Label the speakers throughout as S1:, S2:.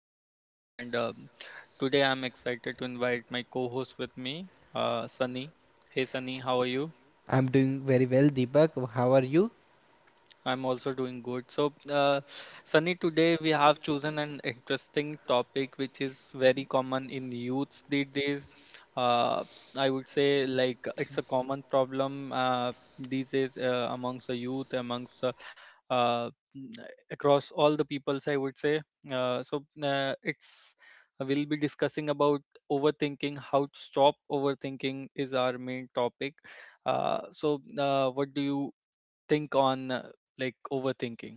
S1: Deepak, and today I'm excited to invite my co-host with me, Sunny. Hey Sunny, how are you?
S2: I'm doing very well, Deepak. How are you?
S1: I'm also doing good. So, Sunny, today we have chosen an interesting topic which is very common in youths these days. Uh, I would say like it's a common problem these days amongst the youth, amongst uh, across all the peoples, I would say. So it's we'll be discussing about overthinking, how to stop overthinking is our main topic. What do you think on like overthinking?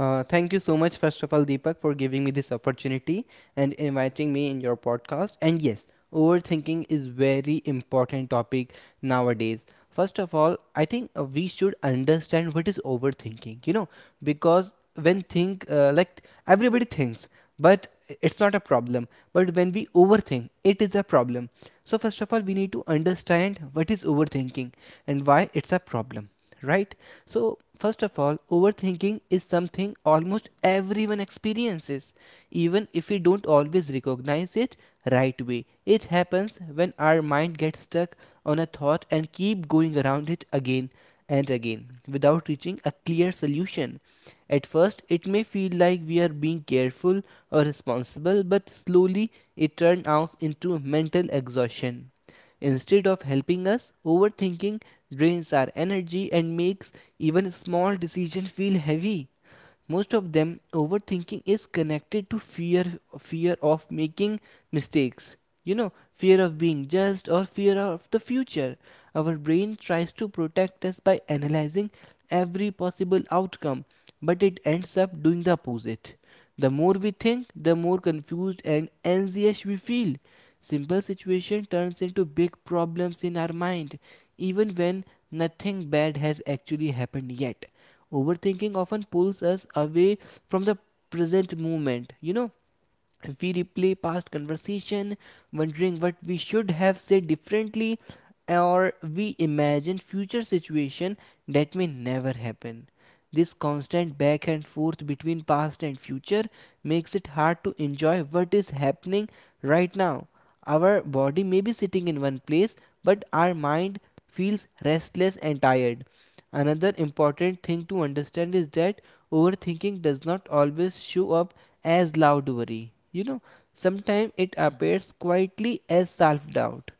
S2: Thank you so much, first of all, Deepak, for giving me this opportunity and inviting me in your podcast. And yes, overthinking is very important topic nowadays. First of all, I think we should understand what is overthinking. You know, because when think like everybody thinks, but it's not a problem. But when we overthink, it is a problem. So first of all, we need to understand what is overthinking and why it's a problem, right? So, first of all, overthinking is something almost everyone experiences, even if we don't always recognize it right away. It happens when our mind gets stuck on a thought and keep going around it again and again without reaching a clear solution. At first, it may feel like we are being careful or responsible, but slowly it turns out into mental exhaustion. Instead of helping us, overthinking drains our energy and makes even small decisions feel heavy. Most of them overthinking is connected to fear, fear of making mistakes, you know, fear of being judged or fear of the future. Our brain tries to protect us by analyzing every possible outcome, but it ends up doing the opposite. The more we think, the more confused and anxious we feel. Simple situation turns into big problems in our mind, even when nothing bad has actually happened yet. Overthinking often pulls us away from the present moment, you know, we replay past conversation, wondering what we should have said differently, or we imagine future situation that may never happen. This constant back and forth between past and future makes it hard to enjoy what is happening right now. Our body may be sitting in one place, but our mind feels restless and tired. Another important thing to understand is that overthinking does not always show up as loud worry. You know, sometimes it
S1: Mm-hmm.
S2: appears quietly as self doubt.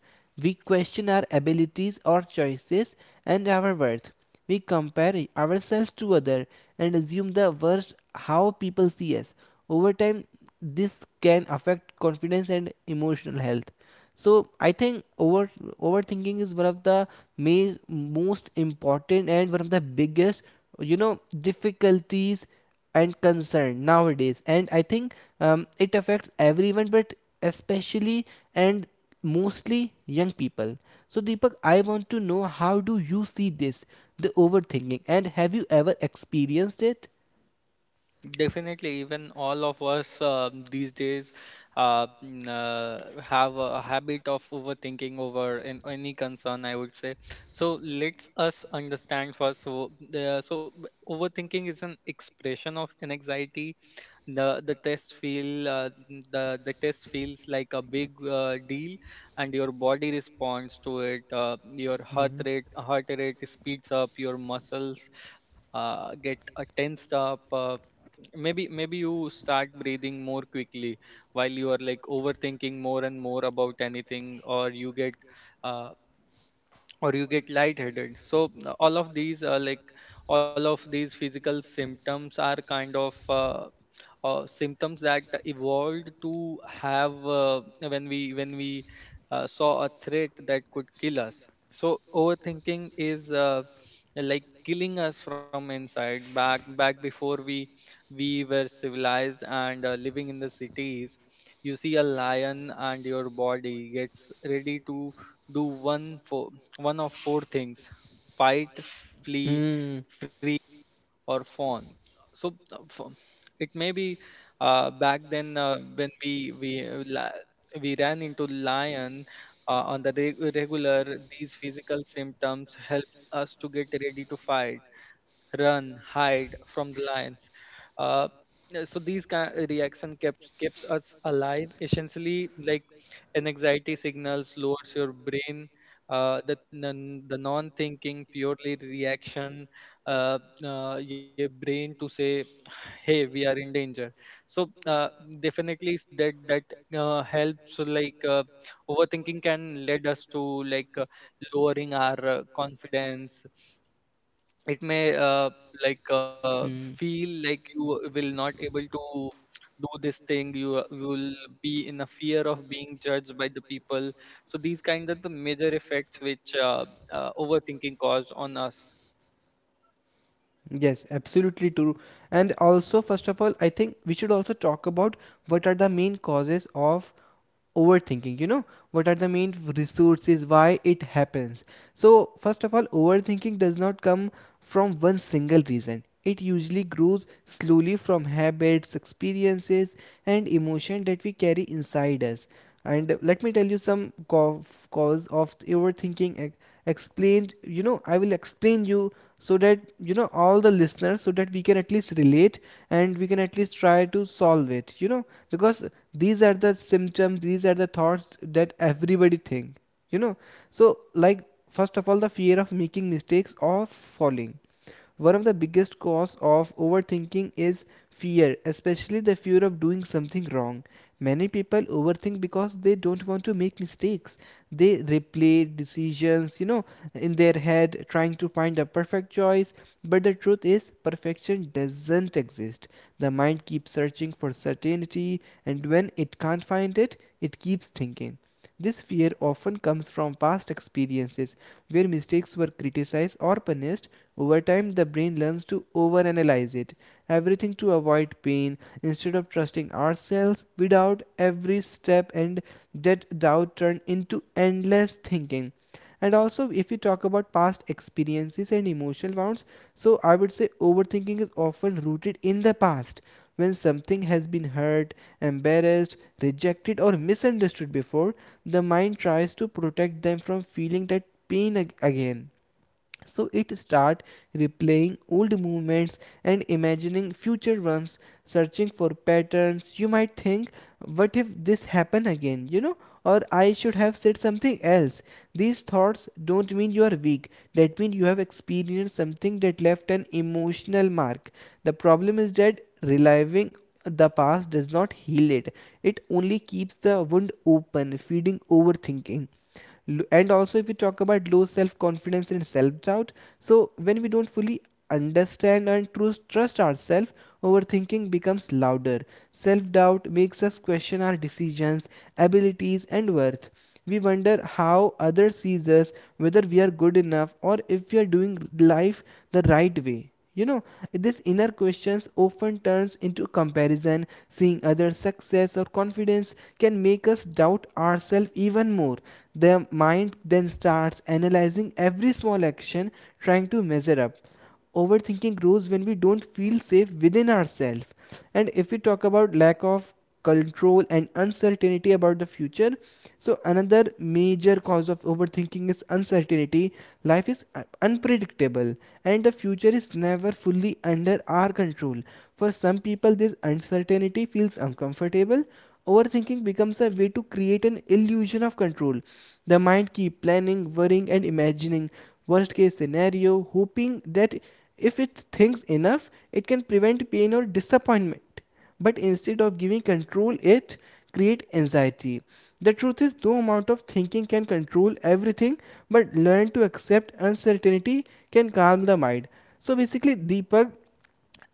S2: We question our abilities, or choices, and our worth. We compare ourselves to others and assume the worst how people see us. Over time, this can affect confidence and emotional health. So I think overthinking is one of the most important and one of the biggest, you know, difficulties and concern nowadays, and I think it affects everyone, but especially and mostly young people. So Deepak, I want to know, how do you see this, the overthinking, and have you ever experienced it?
S1: Definitely, even all of us these days have a habit of overthinking over an, any concern, I would say. So let's us understand first. So, overthinking is an expression of an anxiety. The test feels like a big deal, and your body responds to it. Your heart
S2: Hmm.
S1: rate heart rate speeds up. Your muscles get tensed up. Maybe you start breathing more quickly while you are like overthinking more and more about anything, uh, or you get lightheaded. So all of these are like all of these physical symptoms are kind of symptoms that evolved to have when we saw a threat that could kill us. So overthinking is like killing us from inside. Back before we were civilized and living in the cities, you see a lion and your body gets ready to do one for one of four things: fight, flee,
S2: Hmm.
S1: or phone. so uh, pho- it may be back then, when we ran into lion on the regular, these physical symptoms help us to get ready to fight, run, hide from the lions. uh, yeah, so these kind reaction kept keeps us alive essentially like an anxiety signals lowers your brain the non-thinking purely reaction. Uh, your brain to say, hey, we are in danger. So definitely s- that that helps like overthinking can lead us to like lowering our confidence. It may like
S2: Hmm.
S1: feel like you will not able to do this thing. You will be in a fear of being judged by the people. So these kind of the major effects which overthinking cause on us.
S2: Yes, absolutely true. And also, first of all, I think we should also talk about what are the main causes of overthinking, you know, what are the main resources why it happens. So first of all, overthinking does not come from one single reason. It usually grows slowly from habits, experiences and emotion that we carry inside us. And let me tell you some cause of overthinking explained, you know, I will explain you, so that, you know, all the listeners, so that we can at least relate and we can at least try to solve it, you know, because these are the symptoms, these are the thoughts that everybody think, you know. So like, first of all, the fear of making mistakes or falling. One of the biggest causes of overthinking is fear, especially the fear of doing something wrong. Many people overthink because they don't want to make mistakes. They replay decisions, you know, in their head, trying to find a perfect choice. But the truth is, perfection doesn't exist. The mind keeps searching for certainty, and when it can't find it, it keeps thinking. This fear often comes from past experiences where mistakes were criticized or punished. Over time, the brain learns to overanalyze it, everything to avoid pain, instead of trusting ourselves without every step, and that doubt turn into endless thinking. And also, if we talk about past experiences and emotional wounds, so I would say overthinking is often rooted in the past. When something has been hurt, embarrassed, rejected, or misunderstood before, the mind tries to protect them from feeling that pain again. So it start replaying old movements and imagining future ones, searching for patterns. You might think, what if this happen again, you know, or I should have said something else. These thoughts don't mean you are weak, that means you have experienced something that left an emotional mark. The problem is that reliving the past does not heal it, it only keeps the wound open, feeding overthinking. And also, if we talk about low self-confidence and self-doubt, so when we don't fully understand and trust ourselves, overthinking becomes louder. Self-doubt makes us question our decisions, abilities and worth. We wonder how others see us, whether we are good enough or if we are doing life the right way, you know, this inner questions often turns into comparison. Seeing others' success or confidence can make us doubt ourselves even more. The mind then starts analyzing every small action, trying to measure up. Overthinking grows when we don't feel safe within ourselves. And if we talk about lack of control and uncertainty about the future, so another major cause of overthinking is uncertainty. Life is unpredictable, and the future is never fully under our control. For some people, this uncertainty feels uncomfortable. Overthinking becomes a way to create an illusion of control. The mind keeps planning, worrying and imagining worst case scenario, hoping that if it thinks enough, it can prevent pain or disappointment. But instead of giving control, it create anxiety. The truth is, no amount of thinking can control everything, but learn to accept uncertainty can calm the mind. So basically, Deepak,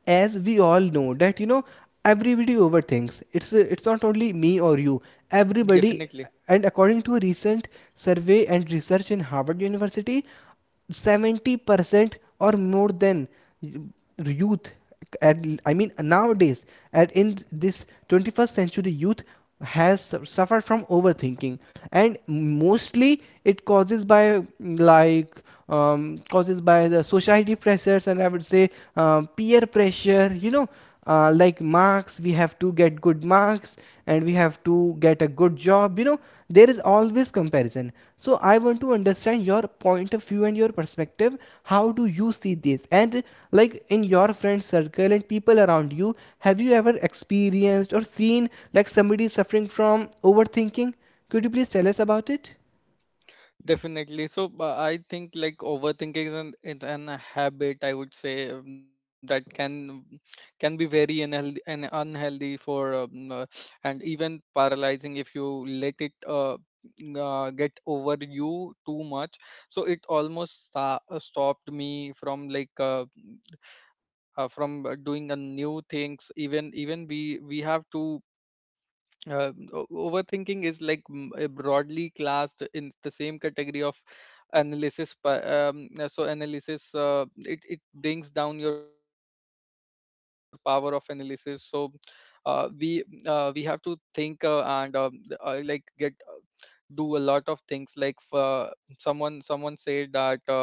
S2: as we all know that, you know, everybody overthinks. It's not only me or you, everybody.
S1: Definitely.
S2: And according to a recent survey and research in Harvard University, 70% or more than youth at, I mean nowadays at in this 21st century, youth has suffered from overthinking. And mostly it causes by like, causes by the society pressures, and I would say peer pressure. You know, like marks, we have to get good marks and we have to get a good job. You know, there is always comparison. So I want to understand your point of view and your perspective. How do you see this? And like in your friend circle and people around you, have you ever experienced or seen like somebody suffering from overthinking? Could you please tell us about it?
S1: Definitely. So I think like overthinking is an a habit, I would say, that can be very unhealthy and unhealthy for and even paralyzing if you let it get over you too much. So it almost stopped me from like from doing a new things. Even even we have to overthinking is like broadly classed in the same category of analysis pa- so analysis. It, it brings down your power of analysis. So uh, we we have to think and like get do a lot of things like someone said that uh,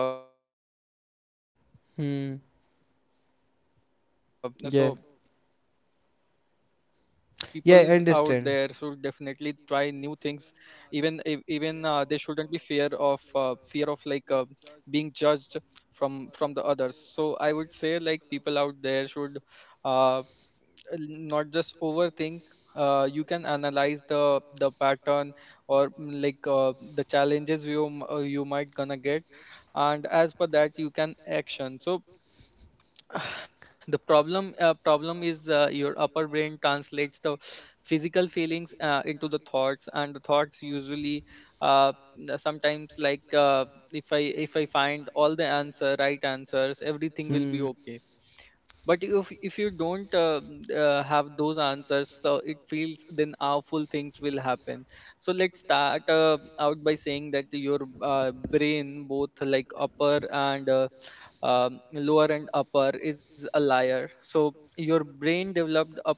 S1: uh, this there you should do
S2: Hmm.
S1: these kind of things. So
S2: Yeah.
S1: people out there should definitely try new
S2: Yeah, I
S1: things,
S2: understand.
S1: even if even they shouldn't be fear of like being judged from the others. So I would say like people out there should uh, not just overthink. You can analyze the pattern or like the challenges you you might gonna get, and as per that you can action. So the problem problem is your upper brain translates the physical feelings into the thoughts, and the thoughts usually uh, sometimes like if I if I find all the answer right answers, everything will be okay. But if you don't have those answers, so it feels then awful things will happen. So let's start out by saying that your brain, both like upper and lower, and upper is a liar. So your brain developed up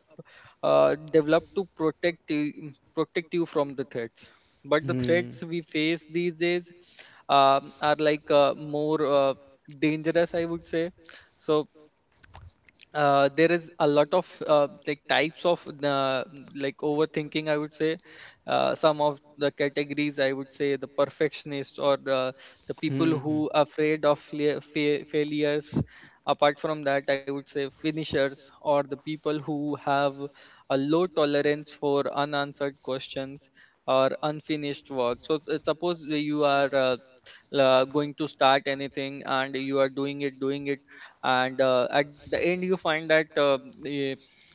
S1: developed to protect you from the threats, but
S2: But
S1: the
S2: the.
S1: threats we face these days are like more dangerous, I would say. So there is a lot of like types of like overthinking, I would say. Some of the categories I would say the perfectionist, or the people
S2: Hmm.
S1: who are afraid of failures. Apart from that, I would say finishers, or the people who have a low tolerance for unanswered questions or unfinished work. So suppose you are going to start anything, and you are doing it and at the end you find that eh,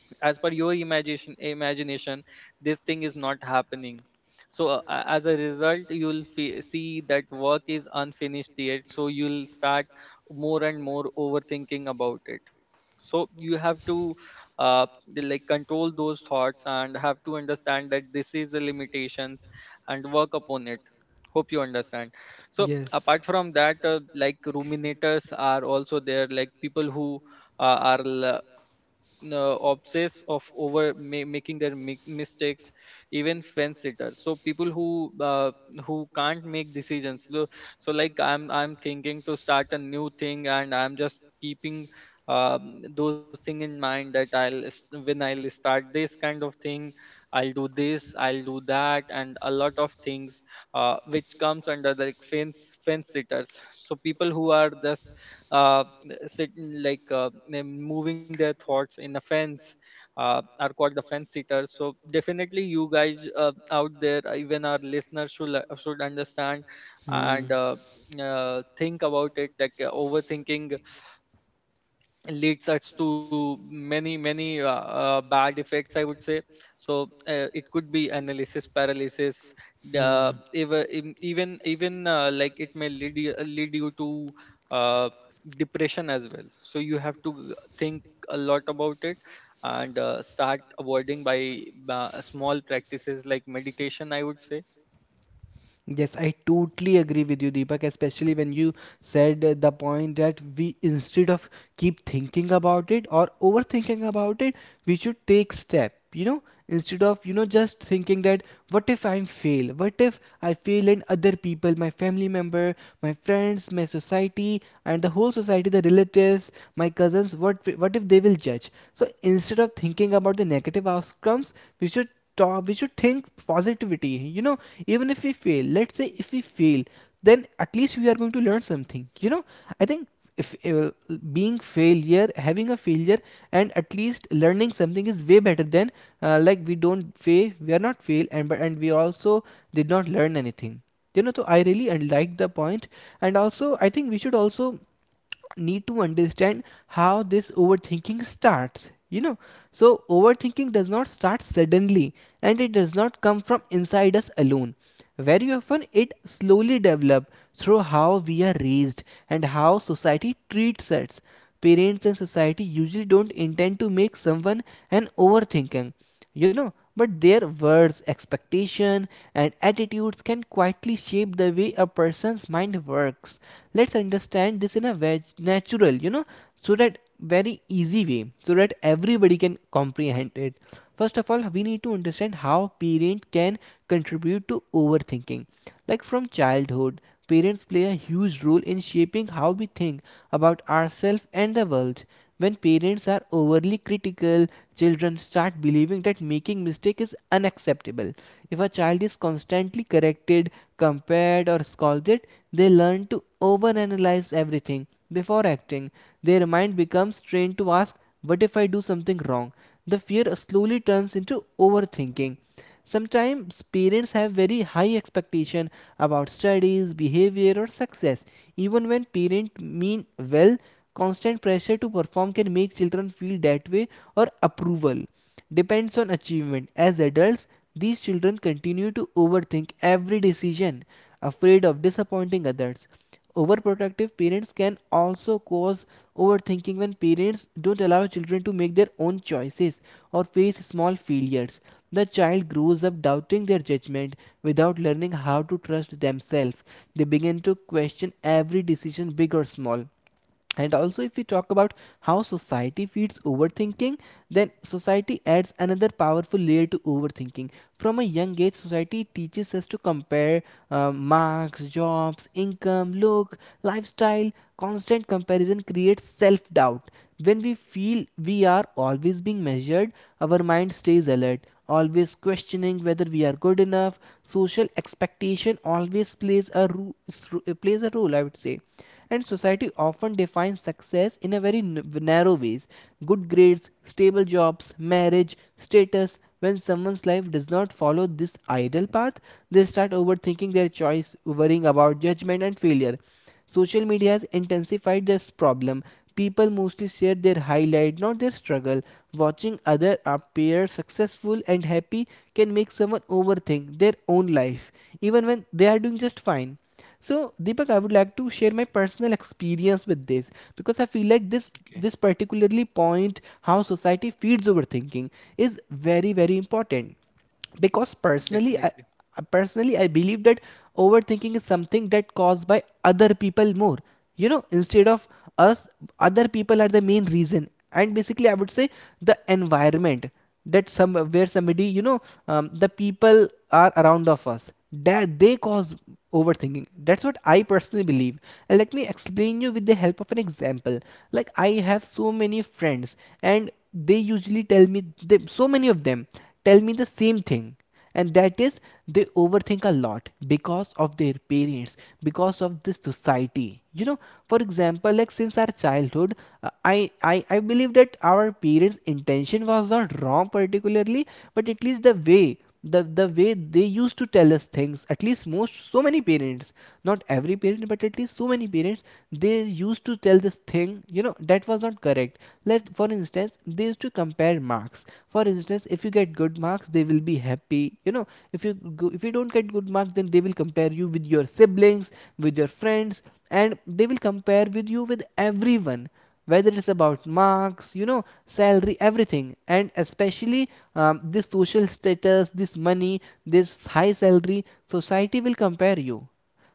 S1: as per your imagination this thing is not happening. So as a result, you'll see that work is unfinished yet, so you'll start more and more overthinking about it. So you have to uh, like control those thoughts and have to understand that this is the limitations and work upon it. Hope you understand. So apart from that, like ruminators are also there, like people who uh, are l- obsessed of over making their mistakes. Even fence sitters, so people who can't make decisions. So like I'm thinking to start a new thing, and I'm just keeping um, those thing in mind that when I'll start this kind of thing, I'll do this, I'll do that, and a lot of things which comes under the fence sitters. So people who are just uh, sitting like moving their thoughts in a fence are called the fence sitters. So definitely you guys out there, even our listeners should understand
S2: Hmm.
S1: and think about it. Like overthinking leads us to many bad effects, I would say. So it could be analysis paralysis.
S2: And.
S1: The even like it may lead you to uh, depression as well. So you have to think a lot about it and start avoiding by small practices like meditation, I would say.
S2: Yes, I totally agree with you, Deepak, especially when you said the point that we, instead of keep thinking about it or overthinking about it, we should take step, you know, instead of, you know, just thinking that, what if I fail? What if I fail and other people, my family member, my friends, my society, and the whole society, the relatives, my cousins, what if they will judge? So instead of thinking about the negative outcomes, we should talk, we should think positivity, you know, even if we fail, let's say if we fail, then at least we are going to learn something, you know. I think if being failure, having a failure and at least learning something is way better than like we don't fail, we are not fail and but and we also did not learn anything, you know. So I really like the point. And also I think we should also need to understand how this overthinking starts, you know. So overthinking does not start suddenly, and it does not come from inside us alone. Very often it slowly develops through how we are raised and how society treats us. Parents and society usually don't intend to make someone an overthinker, you know, but their words, expectation and attitudes can quietly shape the way a person's mind works. Let's understand this in a natural, you know, so that very easy way, so that everybody can comprehend it. First of all, we need to understand how parent can contribute to overthinking. Like from childhood, parents play a huge role in shaping how we think about ourselves and the world. When parents are overly critical, children start believing that making mistake is unacceptable. If a child is constantly corrected, compared or scolded it, they learn to overanalyze everything before acting. Their mind becomes trained to ask, what if I do something wrong? The fear slowly turns into overthinking. Sometimes parents have very high expectation about studies, behavior or success. Even when parents mean well, constant pressure to perform can make children feel that way or approval depends on achievement. As adults, these children continue to overthink every decision, afraid of disappointing others. Overprotective parents can also cause overthinking. When parents don't allow children to make their own choices or face small failures, the child grows up doubting their judgment without learning how to trust themselves. They begin to question every decision, big or small. And also, if we talk about how society feeds overthinking, then society adds another powerful layer to overthinking. From a young age, society teaches us to compare marks, jobs, income, look, lifestyle. Constant comparison creates self-doubt. When we feel we are always being measured, our mind stays alert, always questioning whether we are good enough. Social expectation always plays a role, I would say. And society often defines success in a very narrow ways: good grades, stable jobs, marriage status. When someone's life does not follow this ideal path, they start overthinking their choice, worrying about judgment and failure. Social media has intensified this problem. People mostly share their highlight, not their struggle. Watching other appear successful and happy can make someone overthink their own life, even when they are doing just fine. So, Deepak, I would like to share my personal experience with this because I feel like this
S1: Okay.
S2: this particularly point, how society feeds overthinking, is very very important. Because personally I,
S1: Definitely.
S2: I- personally I believe that overthinking is something that caused by other people more, instead of us. Other people are the main reason, and basically I would say the environment, that some where somebody, the people are around of us, that they cause overthinking. That's what I personally believe. And let me explain you with the help of an example. Like, I have so many friends, and they usually tell me so many of them tell me the same thing, and that is, they overthink a lot because of their parents, because of this society, for example, like since our childhood, I I believe that our parents intention was not wrong particularly, but at least the way the way they used to tell us things, at least most so many parents, not every parent, but at least so many parents, they used to tell this thing, that was not correct. Let for instance, they used to compare marks. For instance, if you get good marks, they will be happy, If if you don't get good marks, then they will compare you with your siblings, with your friends, and they will compare with you with everyone, whether it's about marks, salary, everything. And especially this social status, this money, this high salary, society will compare you.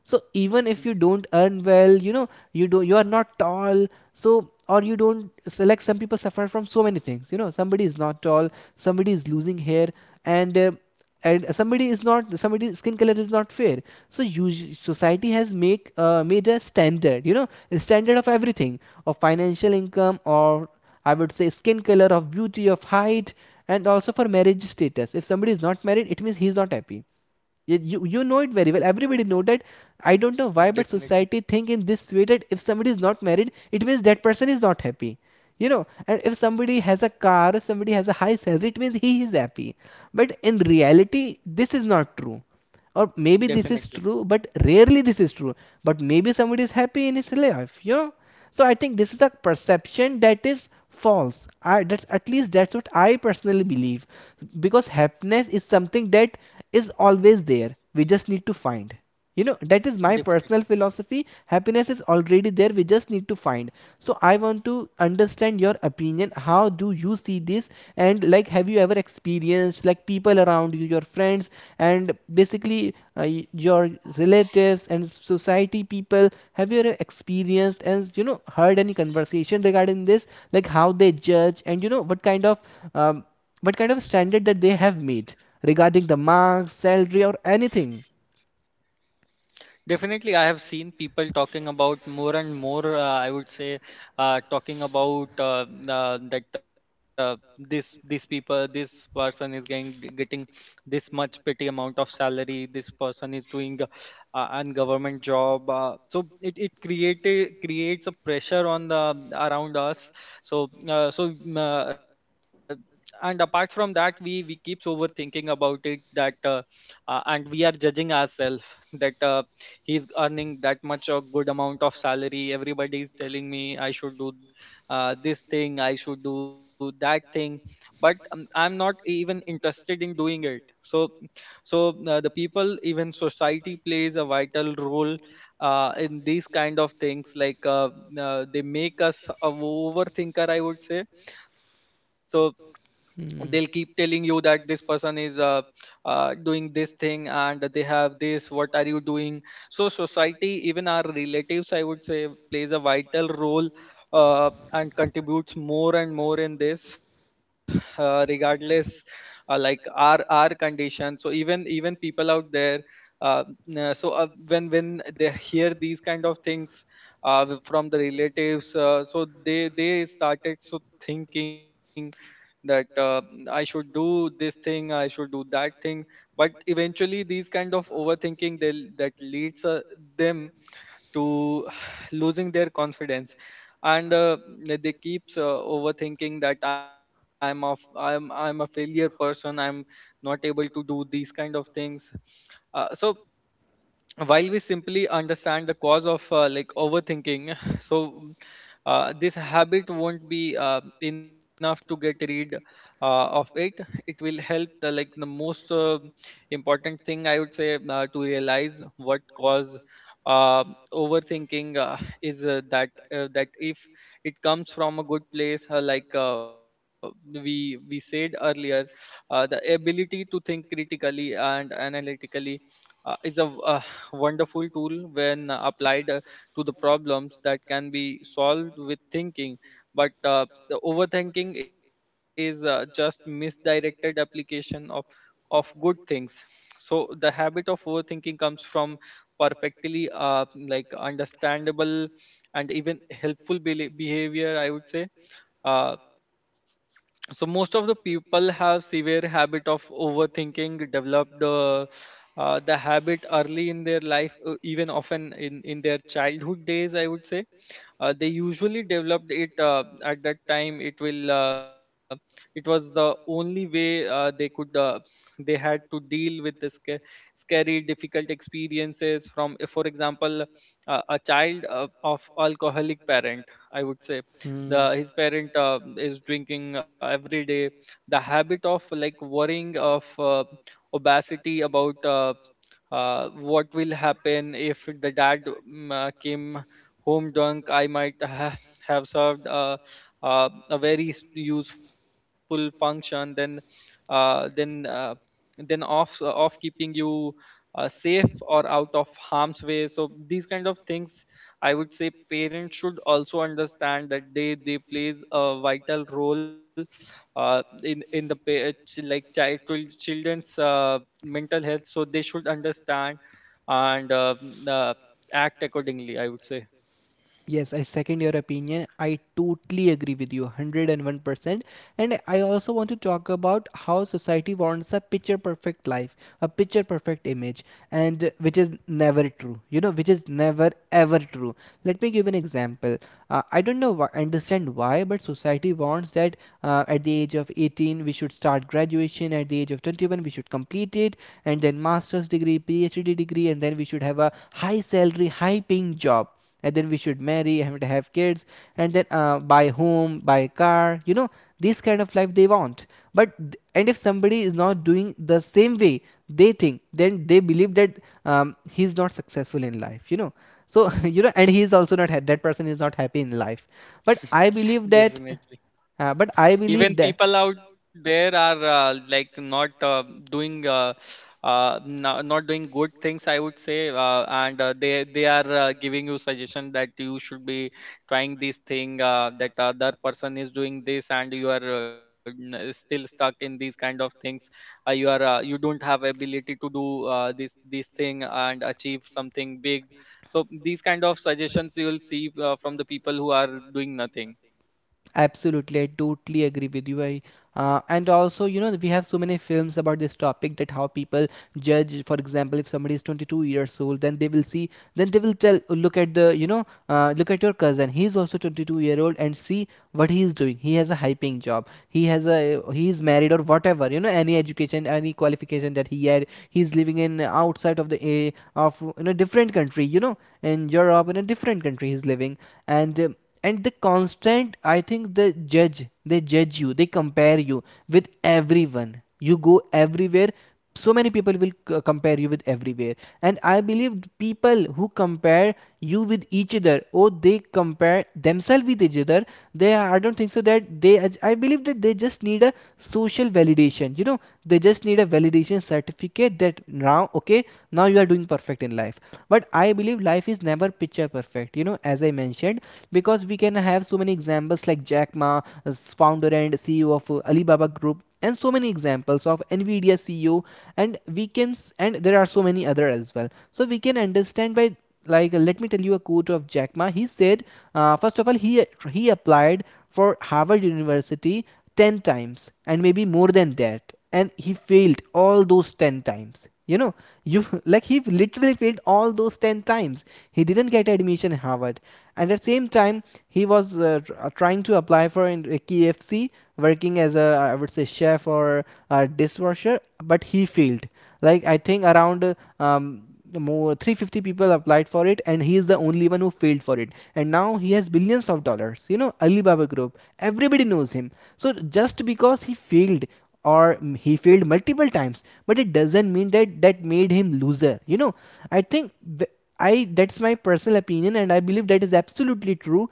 S2: So even
S1: Mm,
S2: if you don't earn well, you do, you are not tall, so or you don't, so like some people suffer from so many things, somebody is not tall, somebody is losing hair, and and somebody is not, somebody's skin color is not fair. So usu society has make made a standard, a standard of everything, of financial income, or I would say skin color, of beauty, of height. And also for marriage status, if somebody is not married, it means he is not happy. You know it very well, everybody know that. I don't know why, but
S1: definitely.
S2: society think in this way, that if somebody is not married, it means that person is not happy, you know. And if somebody has a car, if somebody has a high salary, it means he is happy. But in reality, this is not true. Or maybe this is
S1: Definitely.
S2: true, but rarely this is true. But maybe somebody is happy in his life, you know. So I think this is a perception that is false. I that's at least that's what I personally believe, because happiness is something that is always there, we just need to find. You know, that is my
S1: Definitely.
S2: personal philosophy: happiness is already there, we just need to find. So I want to understand your opinion, how do you see this. And like, have you ever experienced, like people around you, your friends, and basically your relatives and society people, have you ever experienced and you know heard any conversation regarding this, like how they judge, and you know um, what kind of standard that they have made regarding the marks, salary or anything?
S1: Definitely, I have seen people talking about more and more. I would say, talking about that this people, this person is getting this much petty amount of salary. This person is doing an government job. So it created creates a pressure on the around us. So and apart from that, we keeps overthinking about it that. And we are judging ourselves that he's earning that much a good amount of salary, everybody is telling me I should do this thing, I should do that thing, but I'm not even interested in doing it. So the people, even society plays a vital role in these kind of things, like they make us a overthinker, I would say. So they'll keep
S2: Hmm.
S1: telling you that this person is doing this thing, and they have this. What are you doing? So society, even our relatives, I would say, plays a vital role and contributes more and more in this regardless like our condition. So even people out there, uh, when they hear these kind of things from the relatives, so they started thinking that I should do this thing, I should do that thing. But eventually, these kind of overthinking that leads them to losing their confidence, and they keeps overthinking that I'm a failure person. I'm not able to do these kind of things. So while we simply understand the cause of like overthinking so this habit won't be enough to get rid of it. It will help the, like the most important thing, I would say, to realize what cause uh, overthinking is that if it comes from a good place, like we said earlier, the ability to think critically and analytically is a wonderful tool when applied to the problems that can be solved with thinking. But the overthinking is just misdirected application of good things. So the habit of overthinking comes from perfectly like understandable and even helpful behavior, I would say. Uh, so most of the people have severe habit of overthinking develop the the habit early in their life, even often in their childhood days, I would say. They usually developed it at that time. It was the only way they could they had to deal with the scary difficult experiences from, for example, a child of alcoholic parent, I would say. The his parent is drinking every day. The habit of like worrying of, obesity about, what will happen if the dad came home drunk I might have served a very useful function then, uh, then uh, then off off keeping you safe or out of harm's way. So these kind of things, I would say parents should also understand that they plays a vital role in the like child children's mental health. So they should understand and act accordingly, I would say.
S2: Yes, I second your opinion. I totally agree with you 101%. And I also want to talk about how society wants a picture perfect life, a picture perfect image, and which is never true, you know, which is never ever true. Let me give an example. I don't know, why, understand why, but society wants that at the age of 18 we should start graduation, at the age of 21 we should complete it, and then master's degree, PhD degree, and then we should have a high salary, high paying job, and then we should marry and have kids, and then buy home, buy car, you know. This kind of life they want. But, and if somebody is not doing the same way, they think, then they believe that he's not successful in life, you know. So you know, and he is also not that person is not happy in life. But I believe that
S1: Definitely,
S2: uh, but i
S1: even
S2: believe that
S1: people out there are like not doing not doing good things, I would say. And they are giving you suggestion that you should be trying this thing, that other person is doing this and you are still stuck in these kind of things. You are, you don't have ability to do this thing and achieve something big. So these kind of suggestions you will see, from the people who are doing nothing.
S2: Absolutely, I totally agree with you. I and also, you know, we have so many films about this topic, that how people judge. For example, if somebody is 22 years old, then they will see, then they will tell, "Oh, look at the, you know, look at your cousin. He is also 22-year-old, and see what he is doing. He has a high paying job. He has a, he is married or whatever. You know, any education, any qualification that he had. He is living in outside of the a of in a different country. You know, in Europe, in a different country, he is living, and um, and the constant, I think the judge, they judge you, they compare you with everyone, you go everywhere, so many people will compare you with everywhere. And I believe people who compare you with each other, or they compare themselves with each other, they, I don't think so that they, I believe that they just need a social validation, you know, they just need a validation certificate, that now okay, now you are doing perfect in life. But I believe life is never picture perfect, you know, as I mentioned. Because we can have so many examples like Jack Ma, founder and CEO of Alibaba Group, and so many examples of Nvidia CEO, and we can, and there are so many other as well. So we can understand by like let me tell you a quote of Jack Ma. He said, first of all, he applied for Harvard University 10 times, and maybe more than that, and he failed all those 10 times. You know, you like he literally failed all those 10 times. He didn't get admission in Harvard, and at the same time he was trying to apply for in KFC, working as a I would say chef or a dishwasher, but he failed like I think around um more 350 people applied for it, and he is the only one who failed for it. And now he has billions of dollars, you know, Alibaba group, everybody knows him. So just because he failed, or he failed multiple times, but it doesn't mean that that made him loser, you know. I think I that's my personal opinion, and I believe that is absolutely true.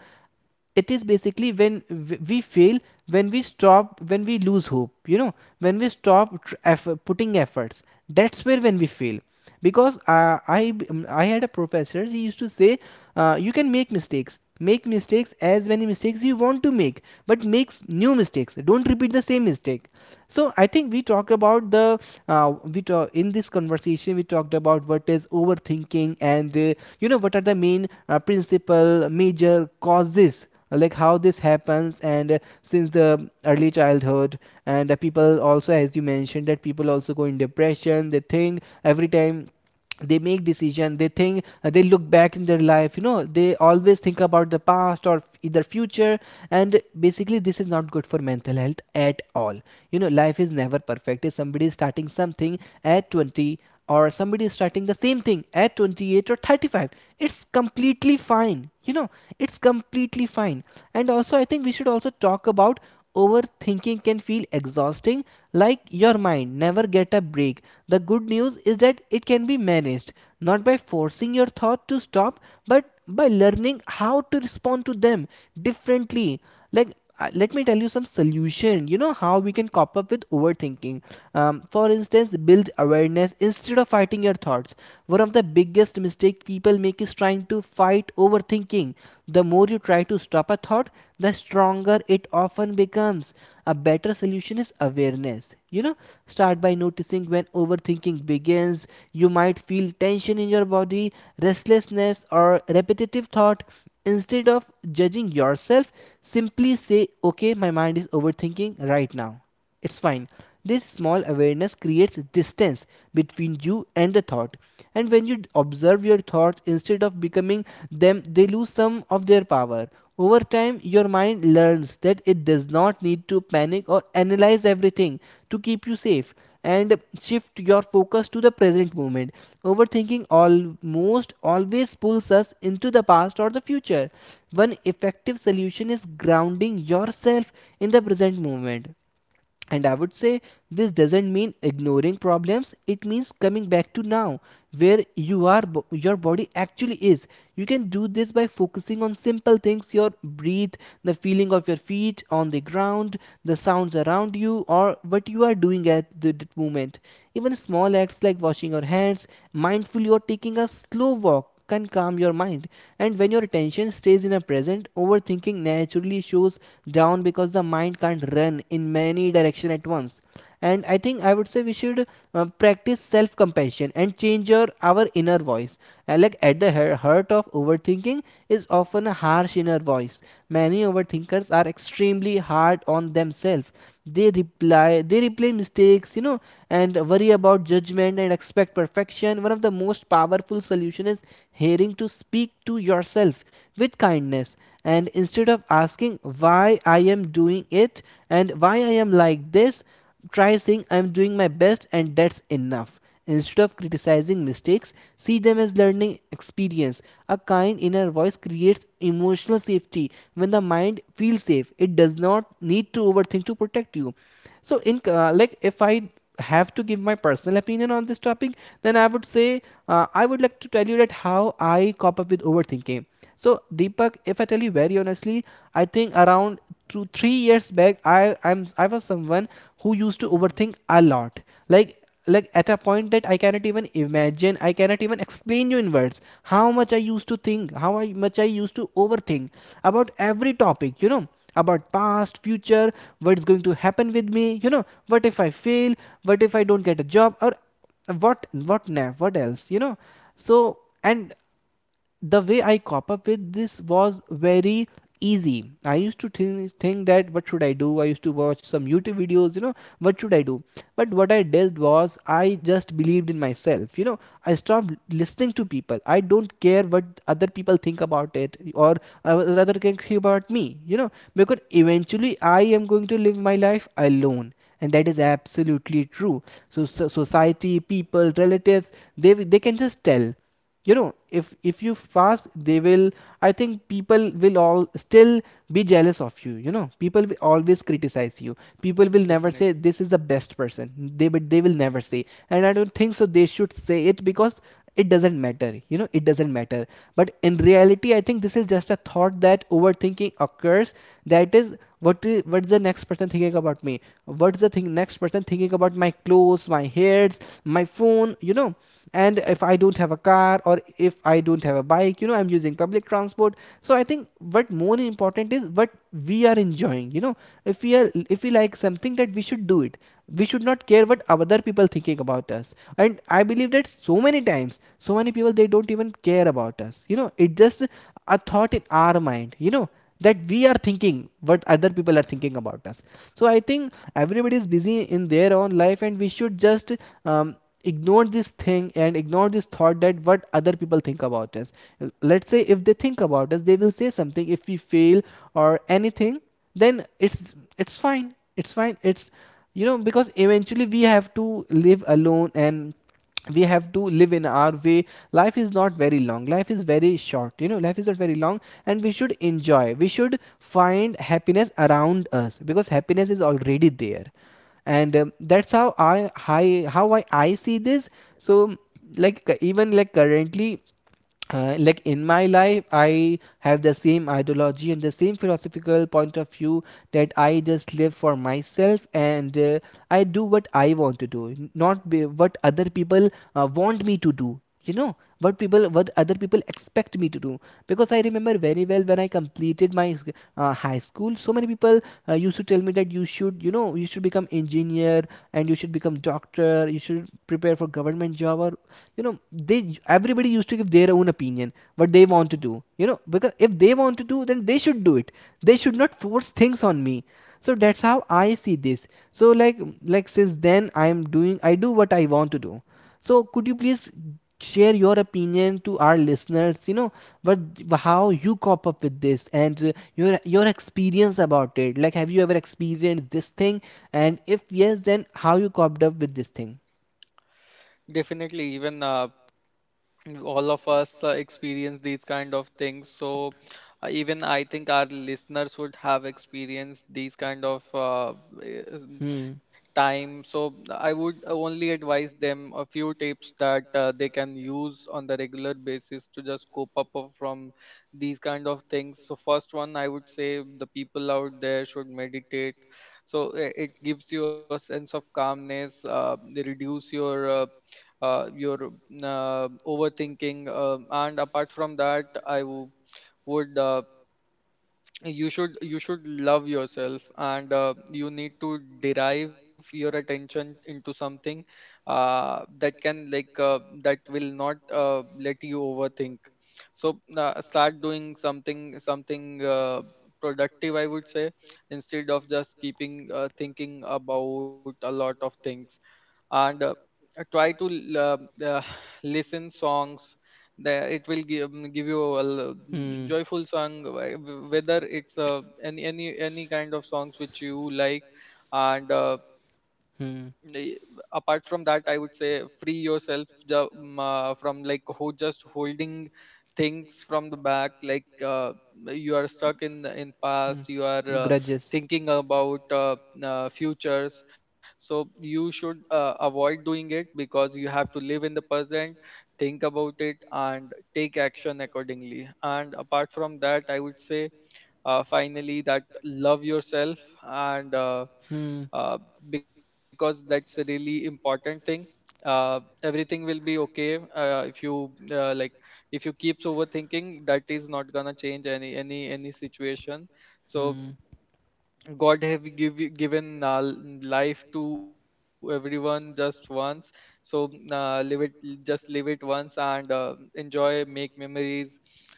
S2: It is basically when we fail, when we stop, when we lose hope. You know, when we stop effort, putting efforts, that's where when we fail. Because I had a professor. He used to say, you can make mistakes. Make mistakes, as many mistakes you want to make, but make new mistakes. Don't repeat the same mistake. So I think we talked about in this conversation we talked about what is overthinking, and you know what are the main principal major causes, like how this happens, and since the early childhood. And people also, as you mentioned, that people also go in depression. They think every time they make decision, they think they look back in their life, you know. They always think about the past or either future, and basically this is not good for mental health at all. You know, life is never perfect. If somebody is starting something at 20, or somebody is starting the same thing at 28 or 35, it's completely fine, you know, it's completely fine. And also I think we should also talk about overthinking can feel exhausting, like your mind never get a break. The good news is that it can be managed, not by forcing your thought to stop, but by learning how to respond to them differently. Like, let me tell you some solution, you know, how we can cop up with overthinking. Um, for instance, build awareness instead of fighting your thoughts. One of the biggest mistake people make is trying to fight overthinking. The more you try to stop a thought, the stronger it often becomes. A better solution is awareness. You know, start by noticing when overthinking begins. You might feel tension in your body, restlessness, or repetitive thought. Instead of judging yourself, simply say, "Okay, my mind is overthinking right now. It's fine." This small awareness creates distance between you and the thought. And when you observe your thoughts instead of becoming them, they lose some of their power. Over time, your mind learns that it does not need to panic or analyze everything to keep you safe, and shift your focus to the present moment. Overthinking almost always pulls us into the past or the future. One effective solution is grounding yourself in the present moment, and I would say this doesn't mean ignoring problems, it means coming back to now, where you are, your body actually is. You can do this by focusing on simple things: your breath, the feeling of your feet on the ground, the sounds around you, or what you are doing at the moment. Even small acts like washing your hands mindfully, or taking a slow walk, can calm your mind. And when your attention stays in a present, overthinking naturally shows down, because the mind can't run in many directions at once. And I think, I would say we should practice self compassion and change your our inner voice. Like at the heart of overthinking is often a harsh inner voice. Many overthinkers are extremely hard on themselves. They replay mistakes, and worry about judgment and expect perfection. One of the most powerful solution is hearing to speak to yourself with kindness. And instead of asking why I am doing it, and why I am like this, try saying, "I'm doing my best and that's enough." Instead of criticizing mistakes, see them as learning experience. A kind inner voice creates emotional safety. When the mind feels safe, it does not need to overthink to protect you. So, in like if I have to give my personal opinion on this topic, then I would say I would like to tell you that how I cop up with overthinking. So Deepak, if I tell you very honestly, I think around 2-3 years back, I was someone who used to
S1: Mhm.
S2: overthink a lot. Like like at a point that I cannot even imagine. I cannot even explain you in words how much I used to think, much I used to overthink about every topic. You know, about past, future, what is going to happen with me, you know, what if I fail, what if I don't get a job, or what now, what else, you know. So, and the way I cop up with this was very easy. I used to think that what should I do? I used to watch some YouTube videos, you know, what should I do? But what I did was, I just believed in myself, you know. I stopped listening to people. I don't care what other people think about it, or rather can think about me, you know, because eventually I am going to live my life alone. And that is absolutely true. So, society, people, relatives, they can just tell, you know. If you fast, they will, I think people will all still be jealous of you, you know. People will always criticize you. People will never
S1: Definitely.
S2: say this is the best person. They but they will never say. And I don't think so they should say it, because it doesn't matter, you know, it doesn't matter. But in reality, I think this is just a thought that overthinking occurs. That is, what's the next person thinking about me, what's the thing next person thinking about my clothes, my hairs, my phone, you know, and if I don't have a car or if I don't have a bike, you know, I'm using public transport. So I think what more important is what we are enjoying, you know. If we are, if we like something, that we should do it. We should not care what other people thinking about us. And I believe that so many times so many people they don't even care about us, you know, it just a thought in our mind, you know, that we are thinking what other people are thinking about us. So I think everybody is busy in their own life, and we should just um, ignore this thing and ignore this thought that what other people think about us. Let's say if they think about us, they will say something if we fail or anything. Then it's fine, it's fine, it's, you know, because eventually we have to live alone, and we have to live in our way. Life is not very long, life is very short, you know, life is not very long. And we should enjoy, we should find happiness around us, because happiness is already there. And that's how I see this. So like, even like currently, like in my life, I have the same ideology and the same philosophical point of view, that I just live for myself. And I do what I want to do, not be what other people want me to do, you know, what other people expect me to do. Because I remember very well when I completed my high school, so many people used to tell me that you should, you know, you should become engineer, and you should become doctor, you should prepare for government job, or, you know, they everybody used to give their own opinion what they want to do, you know, because if they want to do then they should do it, they should not force things on me. So that's how I see this. So like, since then I am doing I do what I want to do. So could you please share your opinion to our listeners, you know, what how you cop up with this, and your experience about it, like have you ever experienced this thing, and if yes, then how you coped up with this thing?
S1: Definitely, even all of us experience these kind of things. So even I think our listeners would have experienced these kind of eh, um,
S2: Hmm.
S1: time. So I would only advise them a few tips that they can use on the regular basis to just cope up from these kind of things. So first one, I would say the people out there should meditate. So it gives you a sense of calmness. They reduce your overthinking. And apart from that, I w- would you should love yourself, and you need to derive your attention into something that can like that will not let you overthink. So start doing something productive, I would say, instead of just keeping thinking about a lot of things. And try to l- listen songs that it will give you a
S2: Hmm.
S1: joyful song, whether it's any any kind of songs which you like. And
S2: Hmm.
S1: the- apart from that, I would say free yourself from like just holding things from the back, like you are stuck in the- in
S2: Hmm.
S1: past, you are
S2: Grudges.
S1: thinking about futures. So you should avoid doing it because you have to live in the present. Think about it and take action accordingly. And apart from that, I would say finally that love yourself, and
S2: Hmm.
S1: uh, because that's a really important thing. uh, Everything will be okay if you like if you keeps overthinking, that is not gonna change any situation. So
S2: Hmm.
S1: god have you- given life to everyone just once. So live it, just live it once, and enjoy, make memories,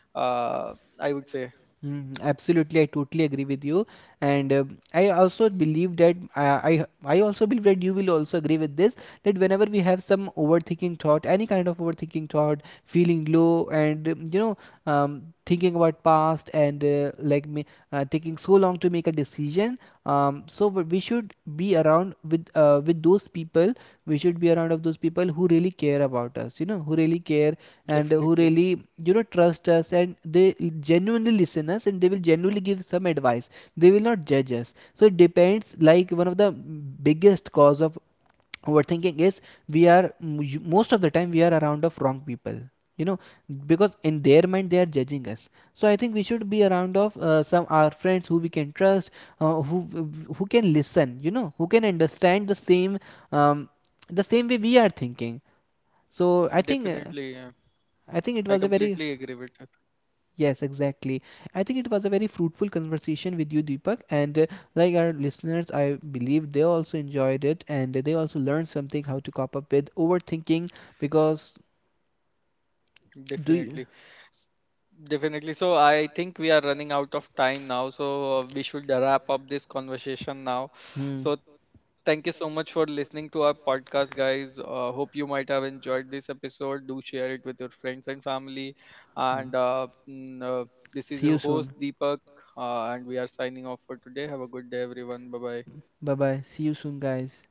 S1: uh, I would say.
S2: Mm, absolutely, I totally agree with you, and I also believe that I also believe that you will also agree with this, that whenever we have some overthinking thought, any kind of overthinking thought, feeling low, and thinking about past, and like me, taking so long to make a decision, so we should be around with those people. We should be around of those people who really care about us, you know, who really care,
S1: Definitely.
S2: and who really, you know, trust us, and they genuinely listen us, and they will genuinely give some advice. They will not judge us. So it depends, like one of the biggest cause of overthinking is, we are, most of the time we are around of wrong people, you know, because in their mind they are judging us. So I think we should be around of some our friends who we can trust, uh, who who can listen, you know, who can understand the same, um, the same way we are thinking. So i think
S1: Definitely,
S2: uh,
S1: yeah.
S2: i
S1: I
S2: think it was a
S1: completely
S2: very.
S1: agree with that.
S2: Yes, exactly. I think it was a very fruitful conversation with you, Deepak. And like our listeners, I believe they also enjoyed it, and they also learned something how to cope up with overthinking. Because
S1: Definitely.
S2: do you.
S1: S- Definitely. So I think we are running out of time now, so we should wrap up this conversation now.
S2: Hmm.
S1: So thank you so much for listening to our podcast, guys. Hope you might have enjoyed this episode. Do share it with your friends and family. And
S2: um,
S1: this is
S2: See
S1: your
S2: you
S1: host
S2: soon.
S1: Deepak, and we are signing off for today. Have a good day, everyone. Bye bye.
S2: Bye bye. See you soon, guys.